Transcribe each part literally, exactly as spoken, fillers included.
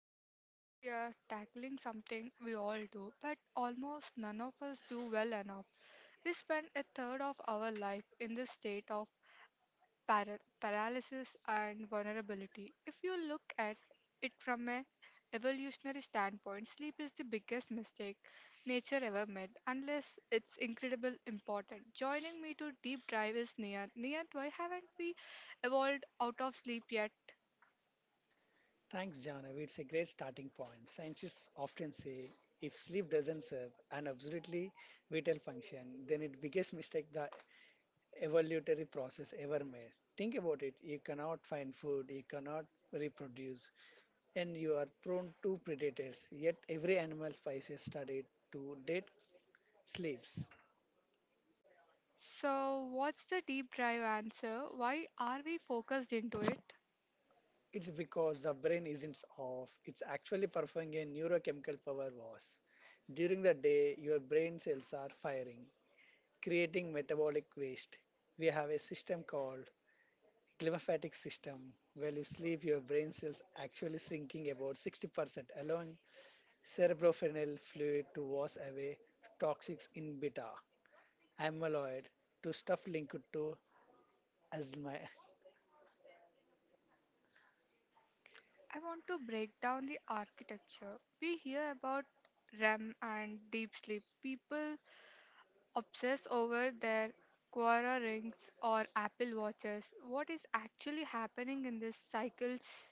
show. Today we are tackling something we all do, but almost none of us do well enough. We spend a third of our life in this state of para- paralysis and vulnerability. If you look at it from a evolutionary standpoint, sleep is the biggest mistake nature ever made, unless it's incredibly important. Joining me to deep dive is Nia. Nia, why haven't we evolved out of sleep yet? Thanks, Janav. It's a great starting point. Scientists often say if sleep doesn't serve an absolutely vital function, then it's biggest mistake the evolutionary process ever made. Think about it. You cannot find food, you cannot reproduce, and you are prone to predators. Yet every animal species studied to date sleeps. So, what's the deep drive answer? Why are we focused into it? It's because the brain isn't off. It's actually performing a neurochemical power wash. During the day, your brain cells are firing, creating metabolic waste. We have a system called glymphatic system. While you sleep, your brain cells actually sinking about sixty percent, allowing cerebrospinal fluid to wash away toxics in beta amyloid to stuff linked to asthma. I want to break down the architecture. We hear about R E M and deep sleep. People obsess over their Quora rings or Apple watches. What is actually happening in these cycles?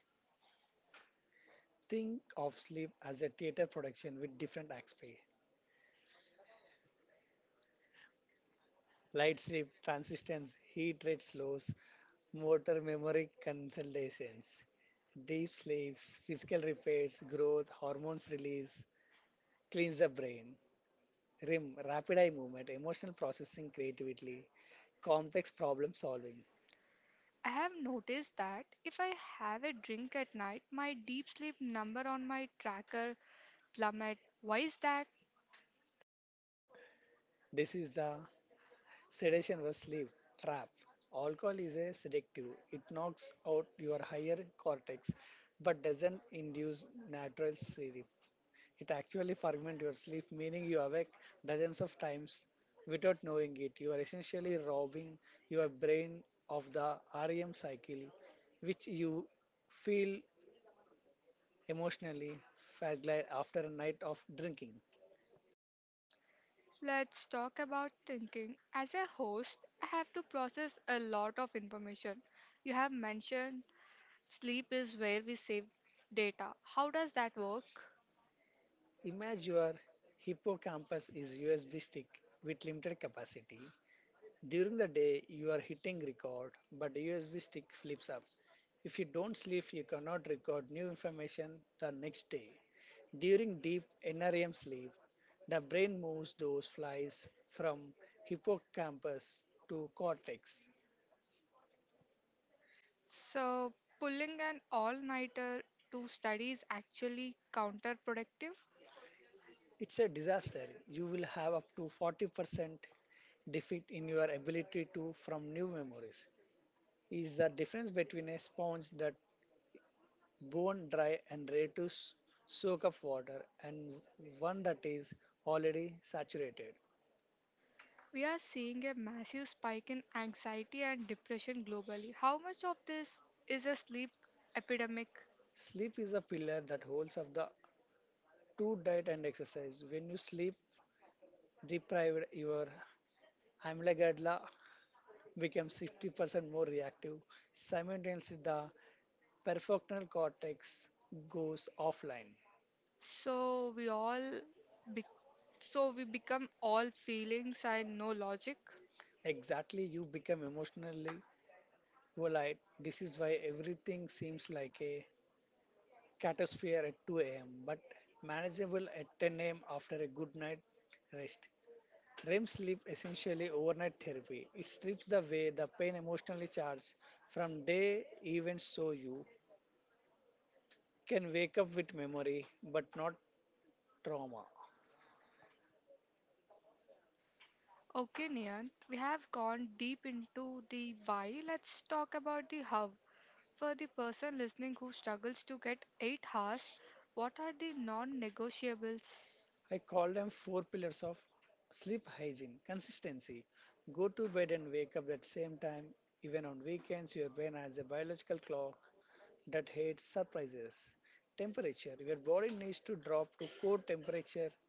Think of sleep as a theater production with different aspects. Light sleep, transistence, heat rate slows, motor memory consolidations deep sleeps, physical repairs, growth, hormones release, cleans the brain, R I M, rapid eye movement, emotional processing creativity, complex problem solving. I have noticed that if I have a drink at night, my deep sleep number on my tracker plummet. Why is that? This is the sedation was sleep trap. Alcohol is a sedative. It knocks out your higher cortex but doesn't induce natural sleep. It actually fragments your sleep, meaning you awake dozens of times without knowing it. You are essentially robbing your brain of the R E M cycle, which you feel emotionally fragile after a night of drinking. Let's talk about thinking. As a host, I have to process a lot of information. You have mentioned sleep is where we save data. How does that work? Imagine your hippocampus is U S B stick with limited capacity. During the day, you are hitting record, but the U S B stick flips up. If you don't sleep, you cannot record new information the next day. During deep N R E M sleep, the brain moves those flies from hippocampus to cortex. So, pulling an all nighter to study is actually counterproductive. It's a disaster. You will have up to forty percent defeat in your ability to from new memories is the difference between a sponge that bone dry and ready to s- soak up water and one that is already saturated. We are seeing a massive spike in anxiety and depression globally. How much of this is a sleep epidemic? Sleep is a pillar that holds up the two diet and exercise. When you sleep deprived, your amygdala becomes fifty percent more reactive. Simultaneously, the prefrontal cortex goes offline. So, we all be- so we become all feelings and no logic. Exactly, you become emotionally. Well, this is why everything seems like a catastrophe at two a m, but manageable at ten a m after a good night rest. R E M sleep essentially overnight therapy. It strips away the pain emotionally charged from day events so you can wake up with memory but not trauma. Okay, Nian, we have gone deep into the why. Let's talk about the how. For the person listening who struggles to get eight hours, what are the non negotiables? I call them four pillars of sleep hygiene consistency. Go to bed and wake up at same time. Even on weekends, your brain has a biological clock that hates surprises. Temperature. Your body needs to drop to core temperature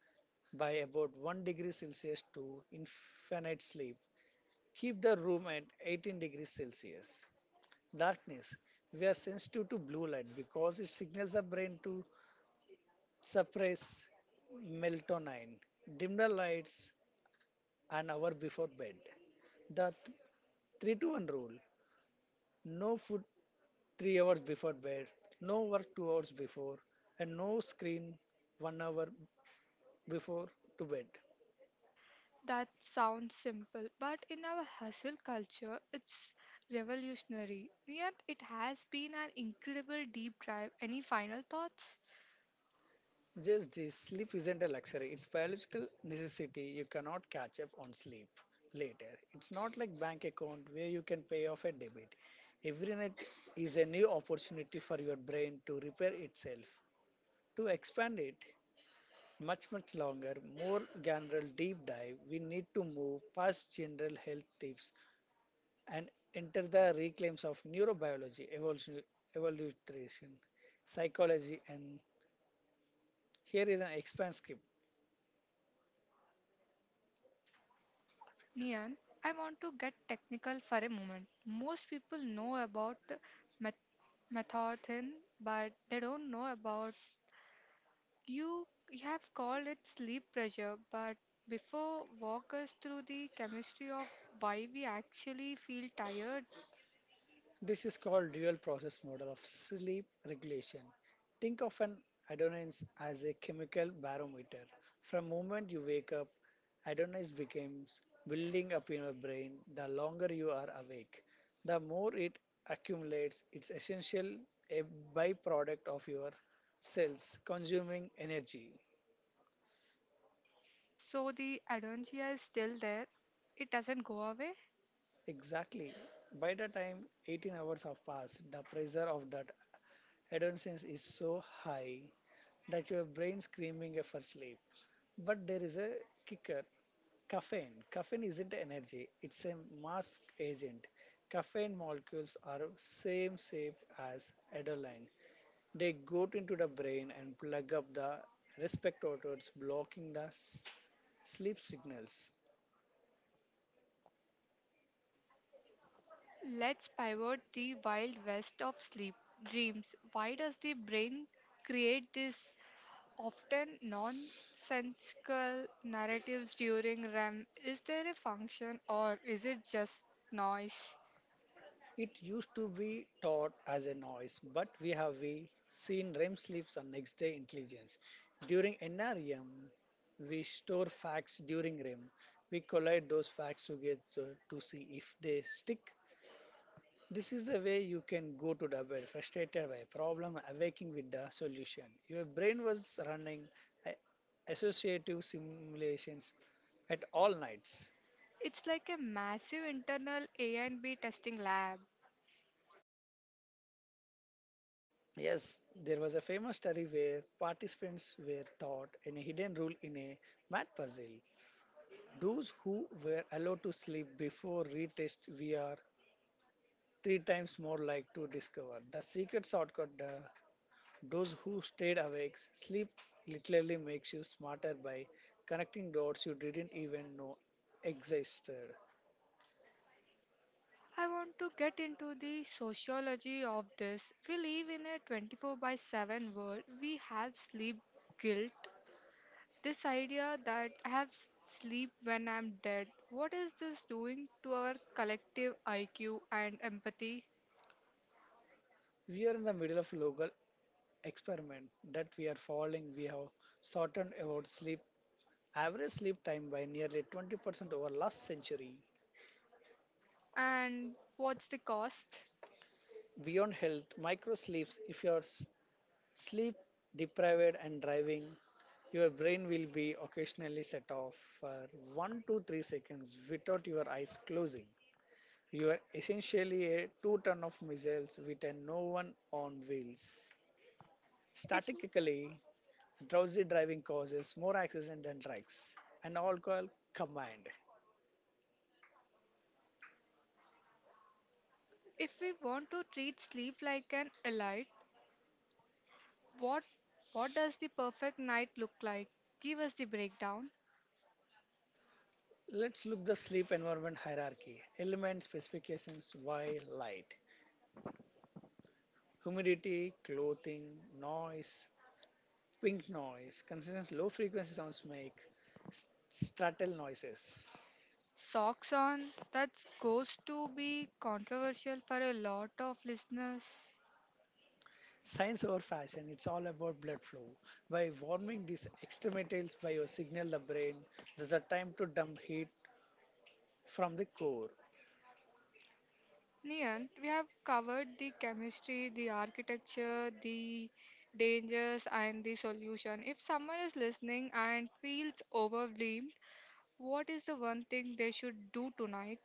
by about one degree Celsius to infinite sleep. Keep the room at eighteen degrees Celsius. Darkness. We are sensitive to blue light because it signals our brain to suppress melatonin. Dim the lights an hour before bed. The th- three to one rule. No food three hours before bed, no work two hours before, and no screen one hour before to bed. That sounds simple, but in our hustle culture, it's revolutionary. Nian, it has been an incredible deep dive. Any final thoughts? Just this sleep isn't a luxury, it's biological necessity. You cannot catch up on sleep later. It's not like bank account where you can pay off a debit. Every night is a new opportunity for your brain to repair itself, to expand it much much longer more general deep dive we need to move past general health tips and enter the reclaims of neurobiology, evolution, evolution, psychology, and here is an expand script. Nian, I want to get technical for a moment. Most people know about the meth- methadone, but they don't know about You you have called it sleep pressure, but before walk us through the chemistry of why we actually feel tired. This is called dual process model of sleep regulation. Think of an adenine as a chemical barometer. From moment you wake up, adenine becomes building up in your brain. The longer you are awake, the more it accumulates. It's essential a byproduct of your cells consuming energy. So the adontia is still there. It doesn't go away. Exactly. By the time eighteen hours have passed, the pressure of that adolescence is so high that your brain's screaming for sleep. But there is a kicker caffeine. Caffeine isn't energy, it's a mask agent. Caffeine molecules are same shape as adrenaline. They go into the brain and plug up the respect receptors blocking the s- sleep signals. Let's pivot the wild west of sleep. Dreams. Why does the brain create this often nonsensical narratives during R E M? Is there a function or is it just noise? It used to be taught as a noise, but we have we seen R E M sleeps and next day intelligence. During N R E M, we store facts during R E M. We collide those facts together to see if they stick. This is a way you can go to the bed frustrated by a problem, awaking with the solution. Your brain was running a- associative simulations at all nights. It's like a massive internal A and B testing lab. Yes, there was a famous study where participants were taught in a hidden rule in a math puzzle. Those who were allowed to sleep before retest were three times more likely to discover the secret shortcut. The, those who stayed awake, sleep literally makes you smarter by connecting dots you didn't even know existed. I want to get into the sociology of this. We live in a twenty-four by seven world. We have sleep guilt. This idea that I have s- sleep when I'm dead. What is this doing to our collective I Q and empathy? We are in the middle of local experiment that we are following. We have shortened our sleep average sleep time by nearly twenty percent over last century. And what's the cost? Beyond health, micro sleeps, if you are s- sleep deprived and driving, your brain will be occasionally set off for one to three seconds without your eyes closing. You are essentially a two ton of missiles with a no one on wheels. If Statistically, drowsy driving causes more accidents than drugs and alcohol combined. if we want to treat sleep like an elite, what what does the perfect night look like? Give us the breakdown. Let's look the sleep environment hierarchy, element specifications, why light, humidity, clothing, noise, pink noise, consistent low frequency sounds make s- stratal noises. Socks on, that goes to be controversial for a lot of listeners. Science over fashion, it's all about blood flow. By warming these extremities by your signal the brain, there's a time to dump heat from the core. Nian, we have covered the chemistry, the architecture, the dangers, and the solution. If someone is listening and feels overwhelmed, what is the one thing they should do tonight?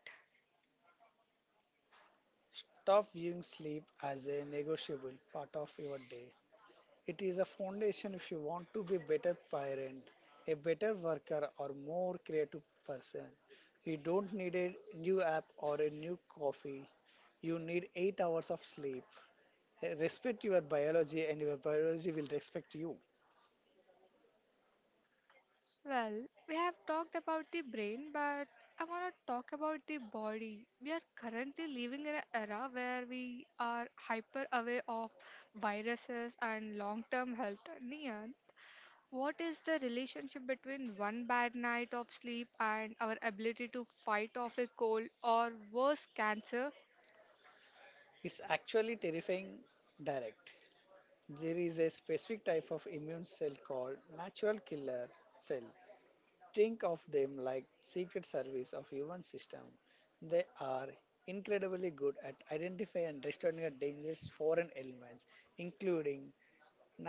Stop viewing sleep as a negotiable part of your day. It is a foundation if you want to be better parent, a better worker or more creative person. You don't need a new app or a new coffee. You need eight hours of sleep. Respect your biology and your biology will respect you. Well, we have talked about the brain, but I want to talk about the body. We are currently living in an era where we are hyper aware of viruses and long term health. Niyan, what is the relationship between one bad night of sleep and our ability to fight off a cold or worse cancer? It's actually terrifying direct. There is a specific type of immune cell called natural killer cell. Think of them like secret service of human system. They are incredibly good at identifying and destroying the dangerous foreign elements, including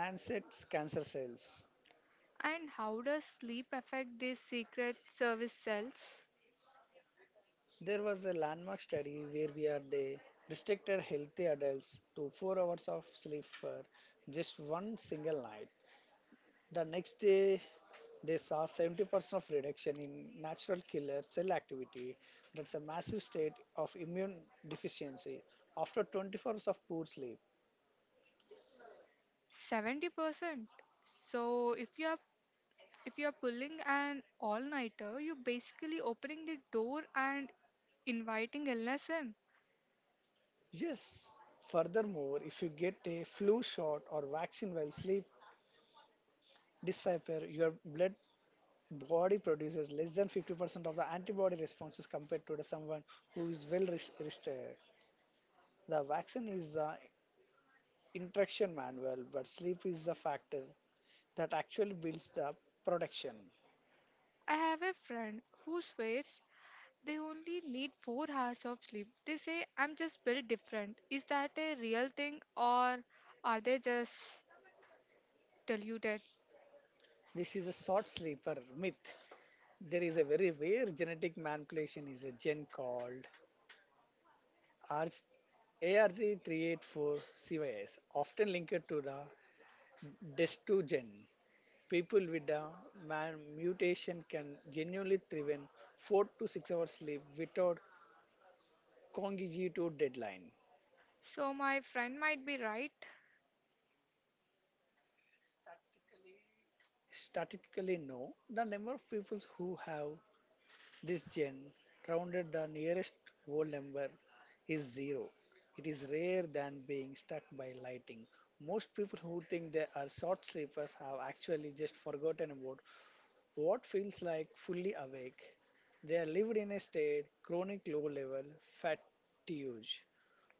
Nanset's cancer cells. And how does sleep affect these secret service cells? There was a landmark study where we are they restricted healthy adults to four hours of sleep for just one single night. The next day, they saw seventy percent of reduction in natural killer cell activity. That's a massive state of immune deficiency after twenty-four hours of poor sleep. seventy percent. So, if you are if you're pulling an all nighter, you're basically opening the door and inviting illness in. Yes, furthermore, if you get a flu shot or vaccine while sleep, despite your blood body produces less than fifty percent of the antibody responses compared to the someone who is well res- rested. The vaccine is the interaction manual, but sleep is a factor that actually builds the production. I have a friend who swears they only need four hours of sleep. They say, I'm just built different. Is that a real thing or are they just deluded? This is a short sleeper myth. There is a very rare genetic manipulation is a gen called A R G- A R G three eight four C Y S, often linked to the D E S two gen. People with the man- mutation can genuinely thrive four to six hours sleep without congenital deadline. So, my friend might be right. Stat- Statistically, no. The number of people who have this gen rounded the nearest whole number is zero. It is rare than being struck by lightning. Most people who think they are short sleepers have actually just forgotten about what feels like fully awake. They are lived in a state chronic low level fatigue.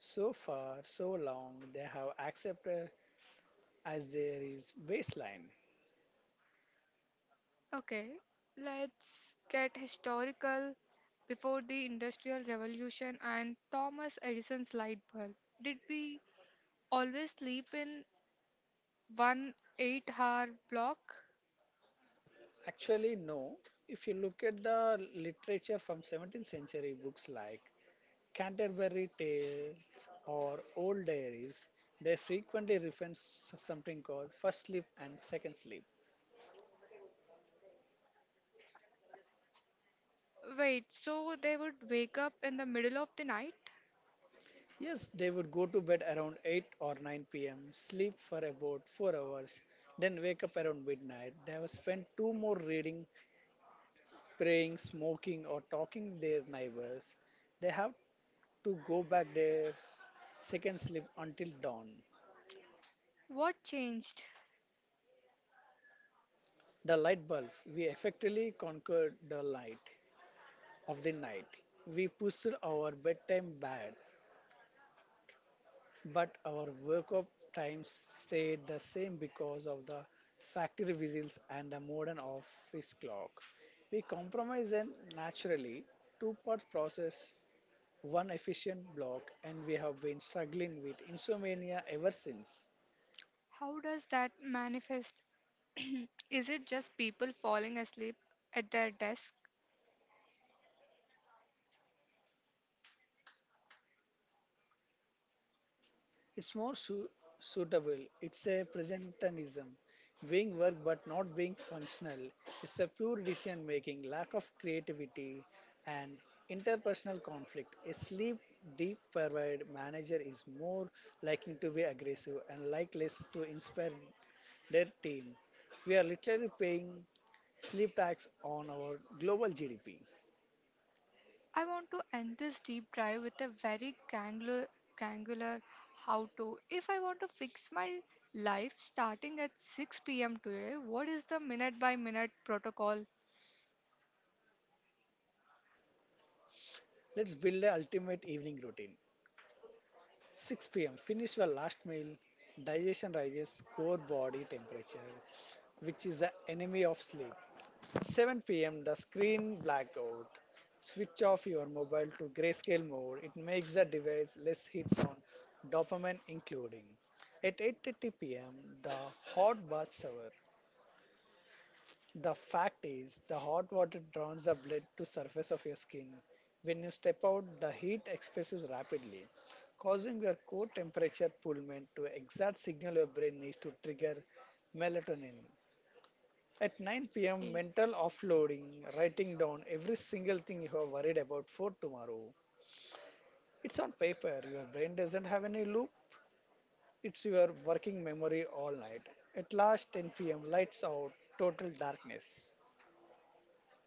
So far, so long, they have accepted as there is baseline. Okay, let's get historical before the Industrial Revolution and Thomas Edison's light bulb. Did we always sleep in one eight hour block? Actually, no. If you look at the literature from seventeenth century books like Canterbury Tales or old diaries, they frequently reference something called first sleep and second sleep. Wait, so they would wake up in the middle of the night? Yes, they would go to bed around eight or nine p m, sleep for about four hours, then wake up around midnight. They have spent two more reading, praying, smoking, or talking their neighbors. They have to go back their s- second sleep until dawn. What changed? The light bulb. We effectively conquered the light of the night. We pushed our bedtime back, but our work up times stayed the same because of the factory whistles and the modern office clock. We compromised and naturally two part process, one efficient block, and we have been struggling with insomnia ever since. How does that manifest? Is it just people falling asleep at their desk? It's more su- suitable. It's a presentism, being work but not being functional. It's a pure decision making, lack of creativity, and interpersonal conflict. A sleep deep provide manager is more likely to be aggressive and like less to inspire their team. We are literally paying sleep tax on our global G D P. I want to end this deep dive with a very granular, granular how to. If I want to fix my life starting at six p m today, what is the minute by minute protocol? Let's build the ultimate evening routine. six p m, finish your last meal, digestion rises core body temperature, which is the enemy of sleep. At seven p m, the screen blackout. Switch off your mobile to grayscale mode. It makes the device less hits on dopamine, including. At eight thirty p m, the hot bath shower. The fact is, the hot water drowns the blood to surface of your skin. When you step out, the heat expresses rapidly, causing your core temperature pullment to exact signal your brain needs to trigger melatonin. At nine p m, mental offloading, writing down every single thing you are worried about for tomorrow. It's on paper. Your brain doesn't have any loop. It's your working memory all night. At last ten p m, lights out, total darkness.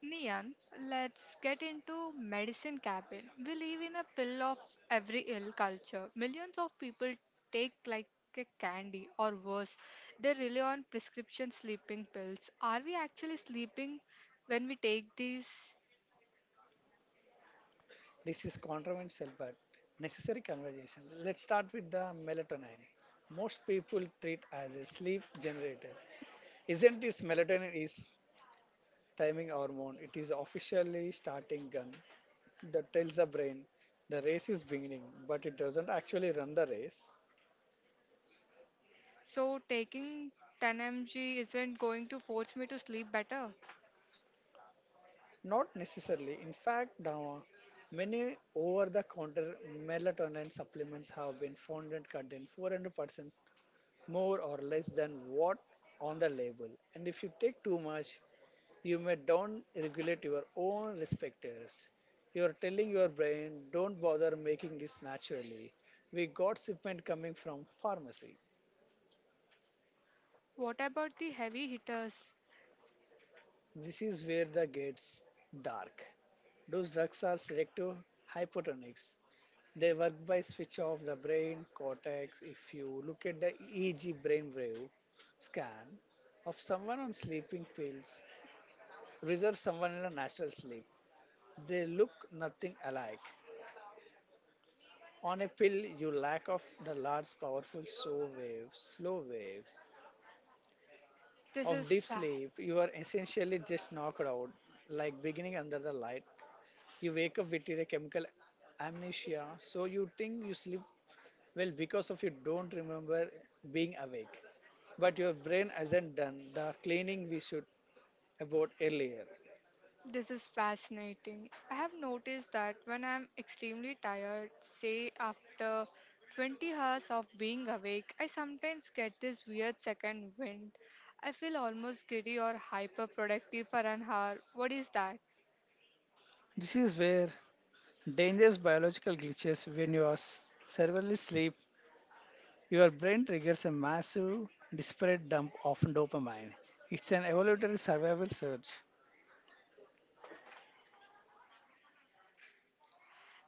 Nian, let's get into medicine cabin. We live in a pill of every ill culture. Millions of people take like a candy or worse. They rely on prescription sleeping pills. Are we actually sleeping when we take these? This is controversial but necessary conversation. Let's start with the melatonin. Most people treat as a sleep generator. Isn't this melatonin is timing hormone? It is officially starting gun that tells the brain the race is beginning, but it doesn't actually run the race. So taking ten milligrams isn't going to force me to sleep better. Not necessarily. In fact, the many over-the-counter melatonin supplements have been found to contain four hundred percent more or less than what on the label. And if you take too much, you may down regulate your own receptors. You're telling your brain, don't bother making this naturally. We got shipment coming from pharmacy. What about the heavy hitters? This is where the gets dark. Those drugs are selective hypotonics. They work by switch off the brain cortex. If you look at the E E G brainwave scan of someone on sleeping pills, reserve someone in a natural sleep. They look nothing alike. On a pill, you lack of the large, powerful slow waves, slow waves This is of deep sad. sleep. You are essentially just knocked out, like beginning under the light. You wake up with a chemical amnesia, so you think you sleep well because of you don't remember being awake. But your brain hasn't done the cleaning we should about earlier. This is fascinating. I have noticed that when I'm extremely tired, say after twenty hours of being awake, I sometimes get this weird second wind. I feel almost giddy or hyperproductive for an hour. What is that? This is where dangerous biological glitches when you are s- severely sleep, your brain triggers a massive, disparate dump of dopamine. It's an evolutionary survival surge.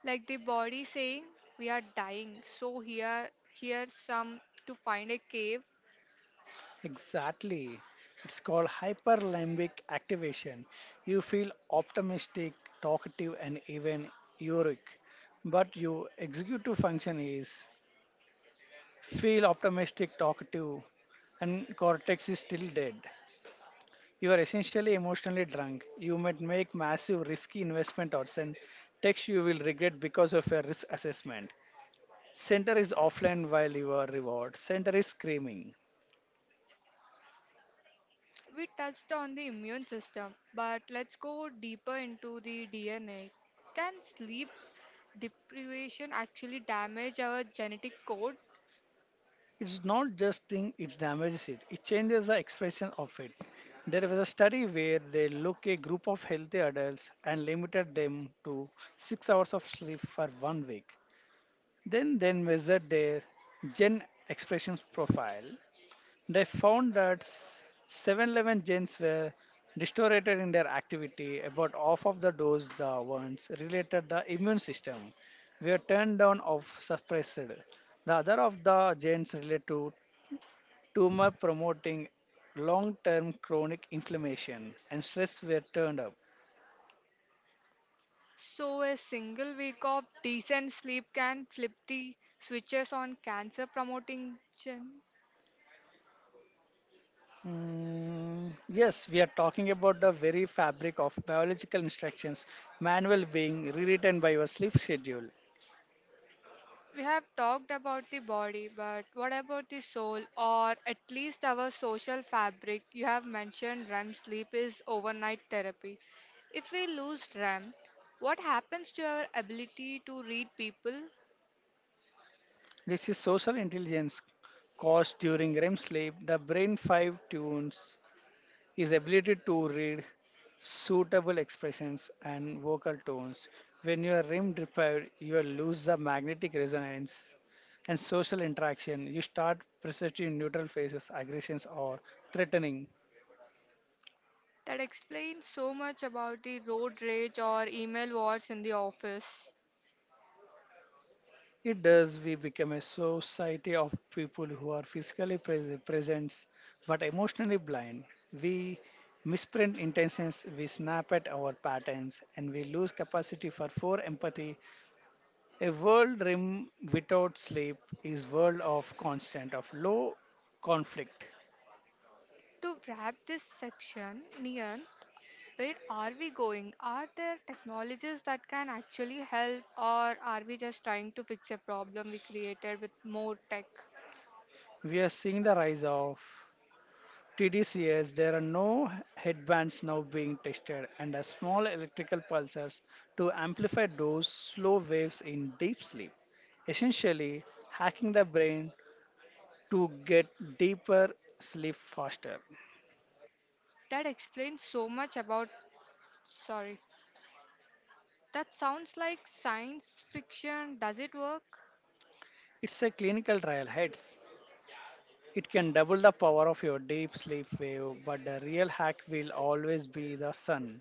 Like the body saying, we are dying, so here here's some to find a cave. Exactly. It's called hyperlimbic activation. You feel optimistic, talkative, and even euphoric. But your executive function is feel optimistic, talkative, and cortex is still dead. You are essentially emotionally drunk. You might make massive risky investment or send text you will regret because of your risk assessment. Center is offline while you are reward. Center is screaming. We touched on the immune system, but let's go deeper into the D N A. Can sleep deprivation actually damage our genetic code? It's not just thing, it damages it. It changes the expression of it. There was a study where they look a group of healthy adults and limited them to six hours of sleep for one week. Then they measured their gen expression profile. They found that seven eleven genes were distorted in their activity. About half of the dose the ones related the immune system were turned down or suppressed. The other of the genes relate to tumor promoting long-term chronic inflammation and stress were turned up. So, a single week of decent sleep can flip the switches on cancer promoting gen. Mm, yes, we are talking about the very fabric of biological instructions manual being rewritten by your sleep schedule. We have talked about the body, but what about the soul or at least our social fabric? You have mentioned R E M sleep is overnight therapy. If we lose R E M, what happens to our ability to read people? This is social intelligence caused during REM sleep. The brain five tunes is ability to read suitable expressions and vocal tones. When you are REM deprived, you will lose the magnetic resonance and social interaction. You start perceiving neutral faces, aggressions, or threatening. That explains so much about the road rage or email wars in the office. It does. We become a society of people who are physically pres present but emotionally blind. We misprint intentions, we snap at our patterns, and we lose capacity for for empathy. A world rim without sleep is world of constant of low conflict. To wrap this section, Nian, where are we going? Are there technologies that can actually help, or are we just trying to fix a problem we created with more tech? We are seeing the rise of T D C S, there are no headbands now being tested and are small electrical pulses to amplify those slow waves in deep sleep, essentially hacking the brain to get deeper sleep faster. That explains so much about. Sorry. That sounds like science fiction. Does it work? It's a clinical trial, heads. It can double the power of your deep sleep wave, but the real hack will always be the sun.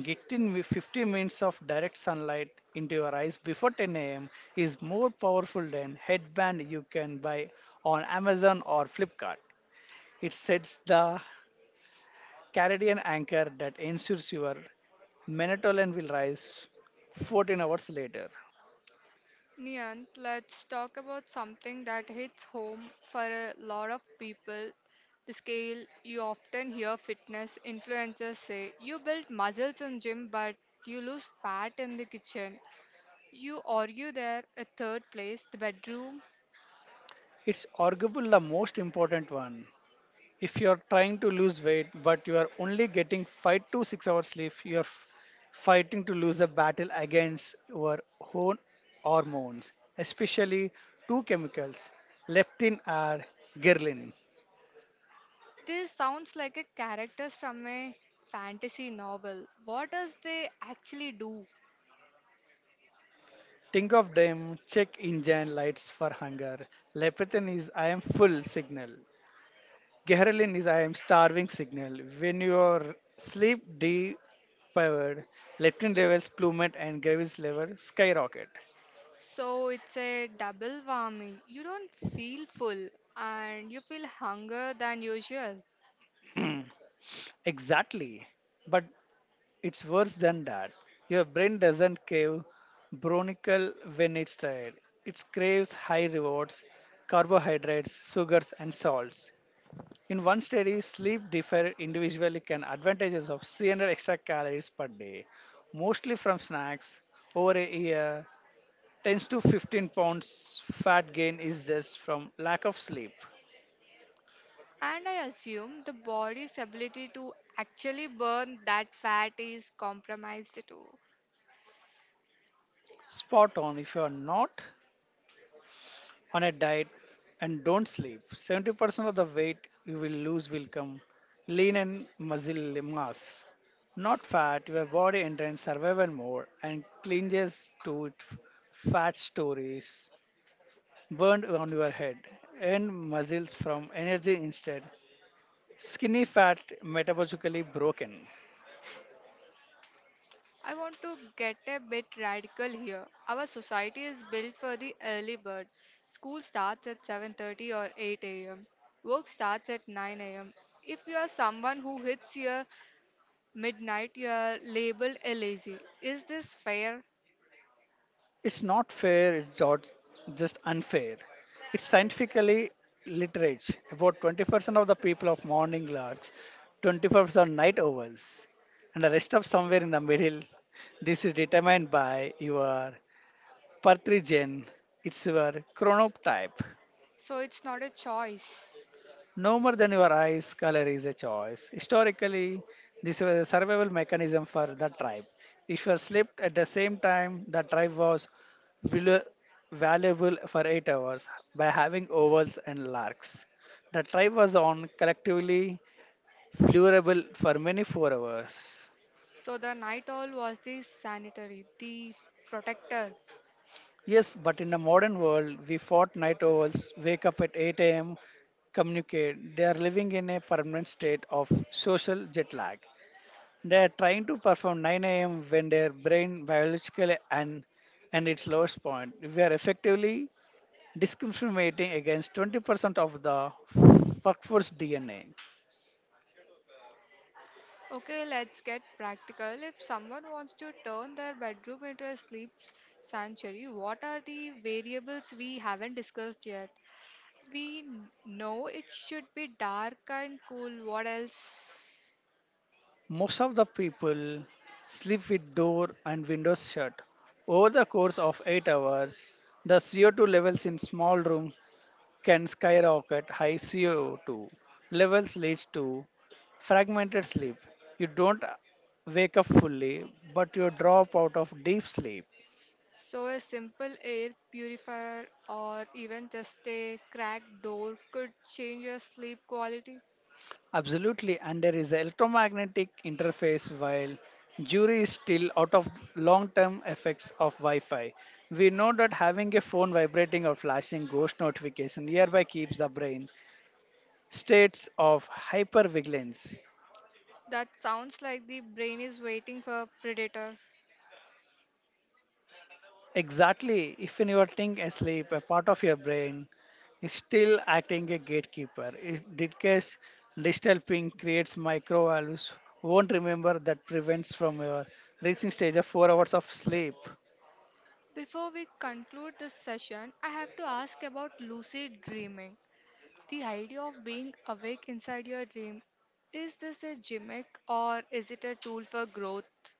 Getting with fifty minutes of direct sunlight into your eyes before ten a m is more powerful than headband you can buy on Amazon or Flipkart. It sets the circadian anchor that ensures your melatonin will rise fourteen hours later. Nian, let's talk about something that hits home for a lot of people. The scale you often hear fitness influencers say you build muscles in gym but you lose fat in the kitchen. You argue there a third place, the bedroom. It's arguably the most important one. If you're trying to lose weight but you are only getting five to six hours sleep, you're f- fighting to lose a battle against your own hormones, especially two chemicals, leptin and ghrelin. This sounds like a characters from a fantasy novel. What does they actually do? Think of them, check engine lights for hunger. Leptin is I am full signal. Ghrelin is I am starving signal. When your sleep deprived, leptin levels plummet and ghrelin levels skyrocket. So it's a double whammy. You don't feel full and you feel hunger than usual. Exactly. But it's worse than that. Your brain doesn't crave bronical when it's tired. It craves high rewards, carbohydrates, sugars, and salts. In one study, sleep differed individually can advantages of three hundred extra calories per day, mostly from snacks. Over a year, ten to fifteen pounds fat gain is just from lack of sleep. And I assume the body's ability to actually burn that fat is compromised too. Spot on if you are not on a diet and don't sleep, seventy percent of the weight you will lose will come lean and muscle mass. Not fat, your body enters survival mode and clinges to it fat stories burned on your head and muscles from energy instead. Skinny fat metabolically broken. I want to get a bit radical here. Our society is built for the early bird. School starts at seven thirty or eight a m. Work starts at nine a m. If you are someone who hits your midnight, you are labeled a lazy. Is this fair? It's not fair, it's just just unfair. It's scientifically literate. About twenty percent of the people of morning larks, twenty percent are night owls, and the rest of somewhere in the middle. This is determined by your Partridge gene, it's your chronotype. So it's not a choice. No more than your eyes, color is a choice. Historically, this was a survival mechanism for the tribe. If you slept at the same time, the tribe was valu- valuable for eight hours by having ovals and larks. The tribe was on collectively vulnerable for many four hours. So the night owl was the sanitary, the protector. Yes, but in the modern world, we fought night owls, wake up at eight a m, communicate. They are living in a permanent state of social jet lag. They are trying to perform nine a m when their brain biologically and and its lowest point. We are effectively discriminating against twenty percent of the workforce D N A. Okay, let's get practical. If someone wants to turn their bedroom into a sleep sanctuary, what are the variables we haven't discussed yet? We n- know it should be dark and cool. What else? Most of the people sleep with door and windows shut. Over the course of eight hours, the C O two levels in small rooms can skyrocket. High C O two levels leads to fragmented sleep. You don't wake up fully, but you drop out of deep sleep. So, a simple air purifier or even just a cracked door could change your sleep quality. Absolutely, and there is electromagnetic interface while jury is still out of long-term effects of Wi-Fi. We know that having a phone vibrating or flashing ghost notification nearby keeps the brain states of hypervigilance. That sounds like the brain is waiting for a predator. Exactly, if when you are think asleep, a part of your brain is still acting a gatekeeper. In this case, digital ping creates microvalves won't remember that prevents from your reaching stage of four hours of sleep. Before we conclude this session, I have to ask about lucid dreaming. The idea of being awake inside your dream is this a gimmick or is it a tool for growth?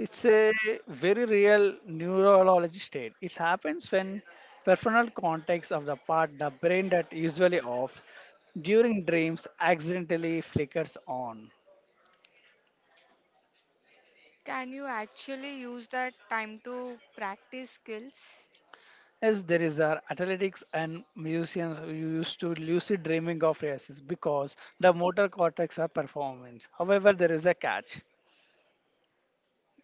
It's a very real neurology state. It happens when peripheral context of the part the brain that usually off during dreams accidentally flickers on. Can you actually use that time to practice skills? Yes, there is our athletics and musicians who used to lucid dreaming of races because the motor cortex are performance. However, there is a catch.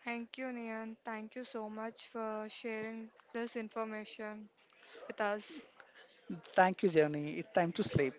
Thank you, Nian. Thank you so much for sharing this information with us. Thank you, Jenny. It's time to sleep.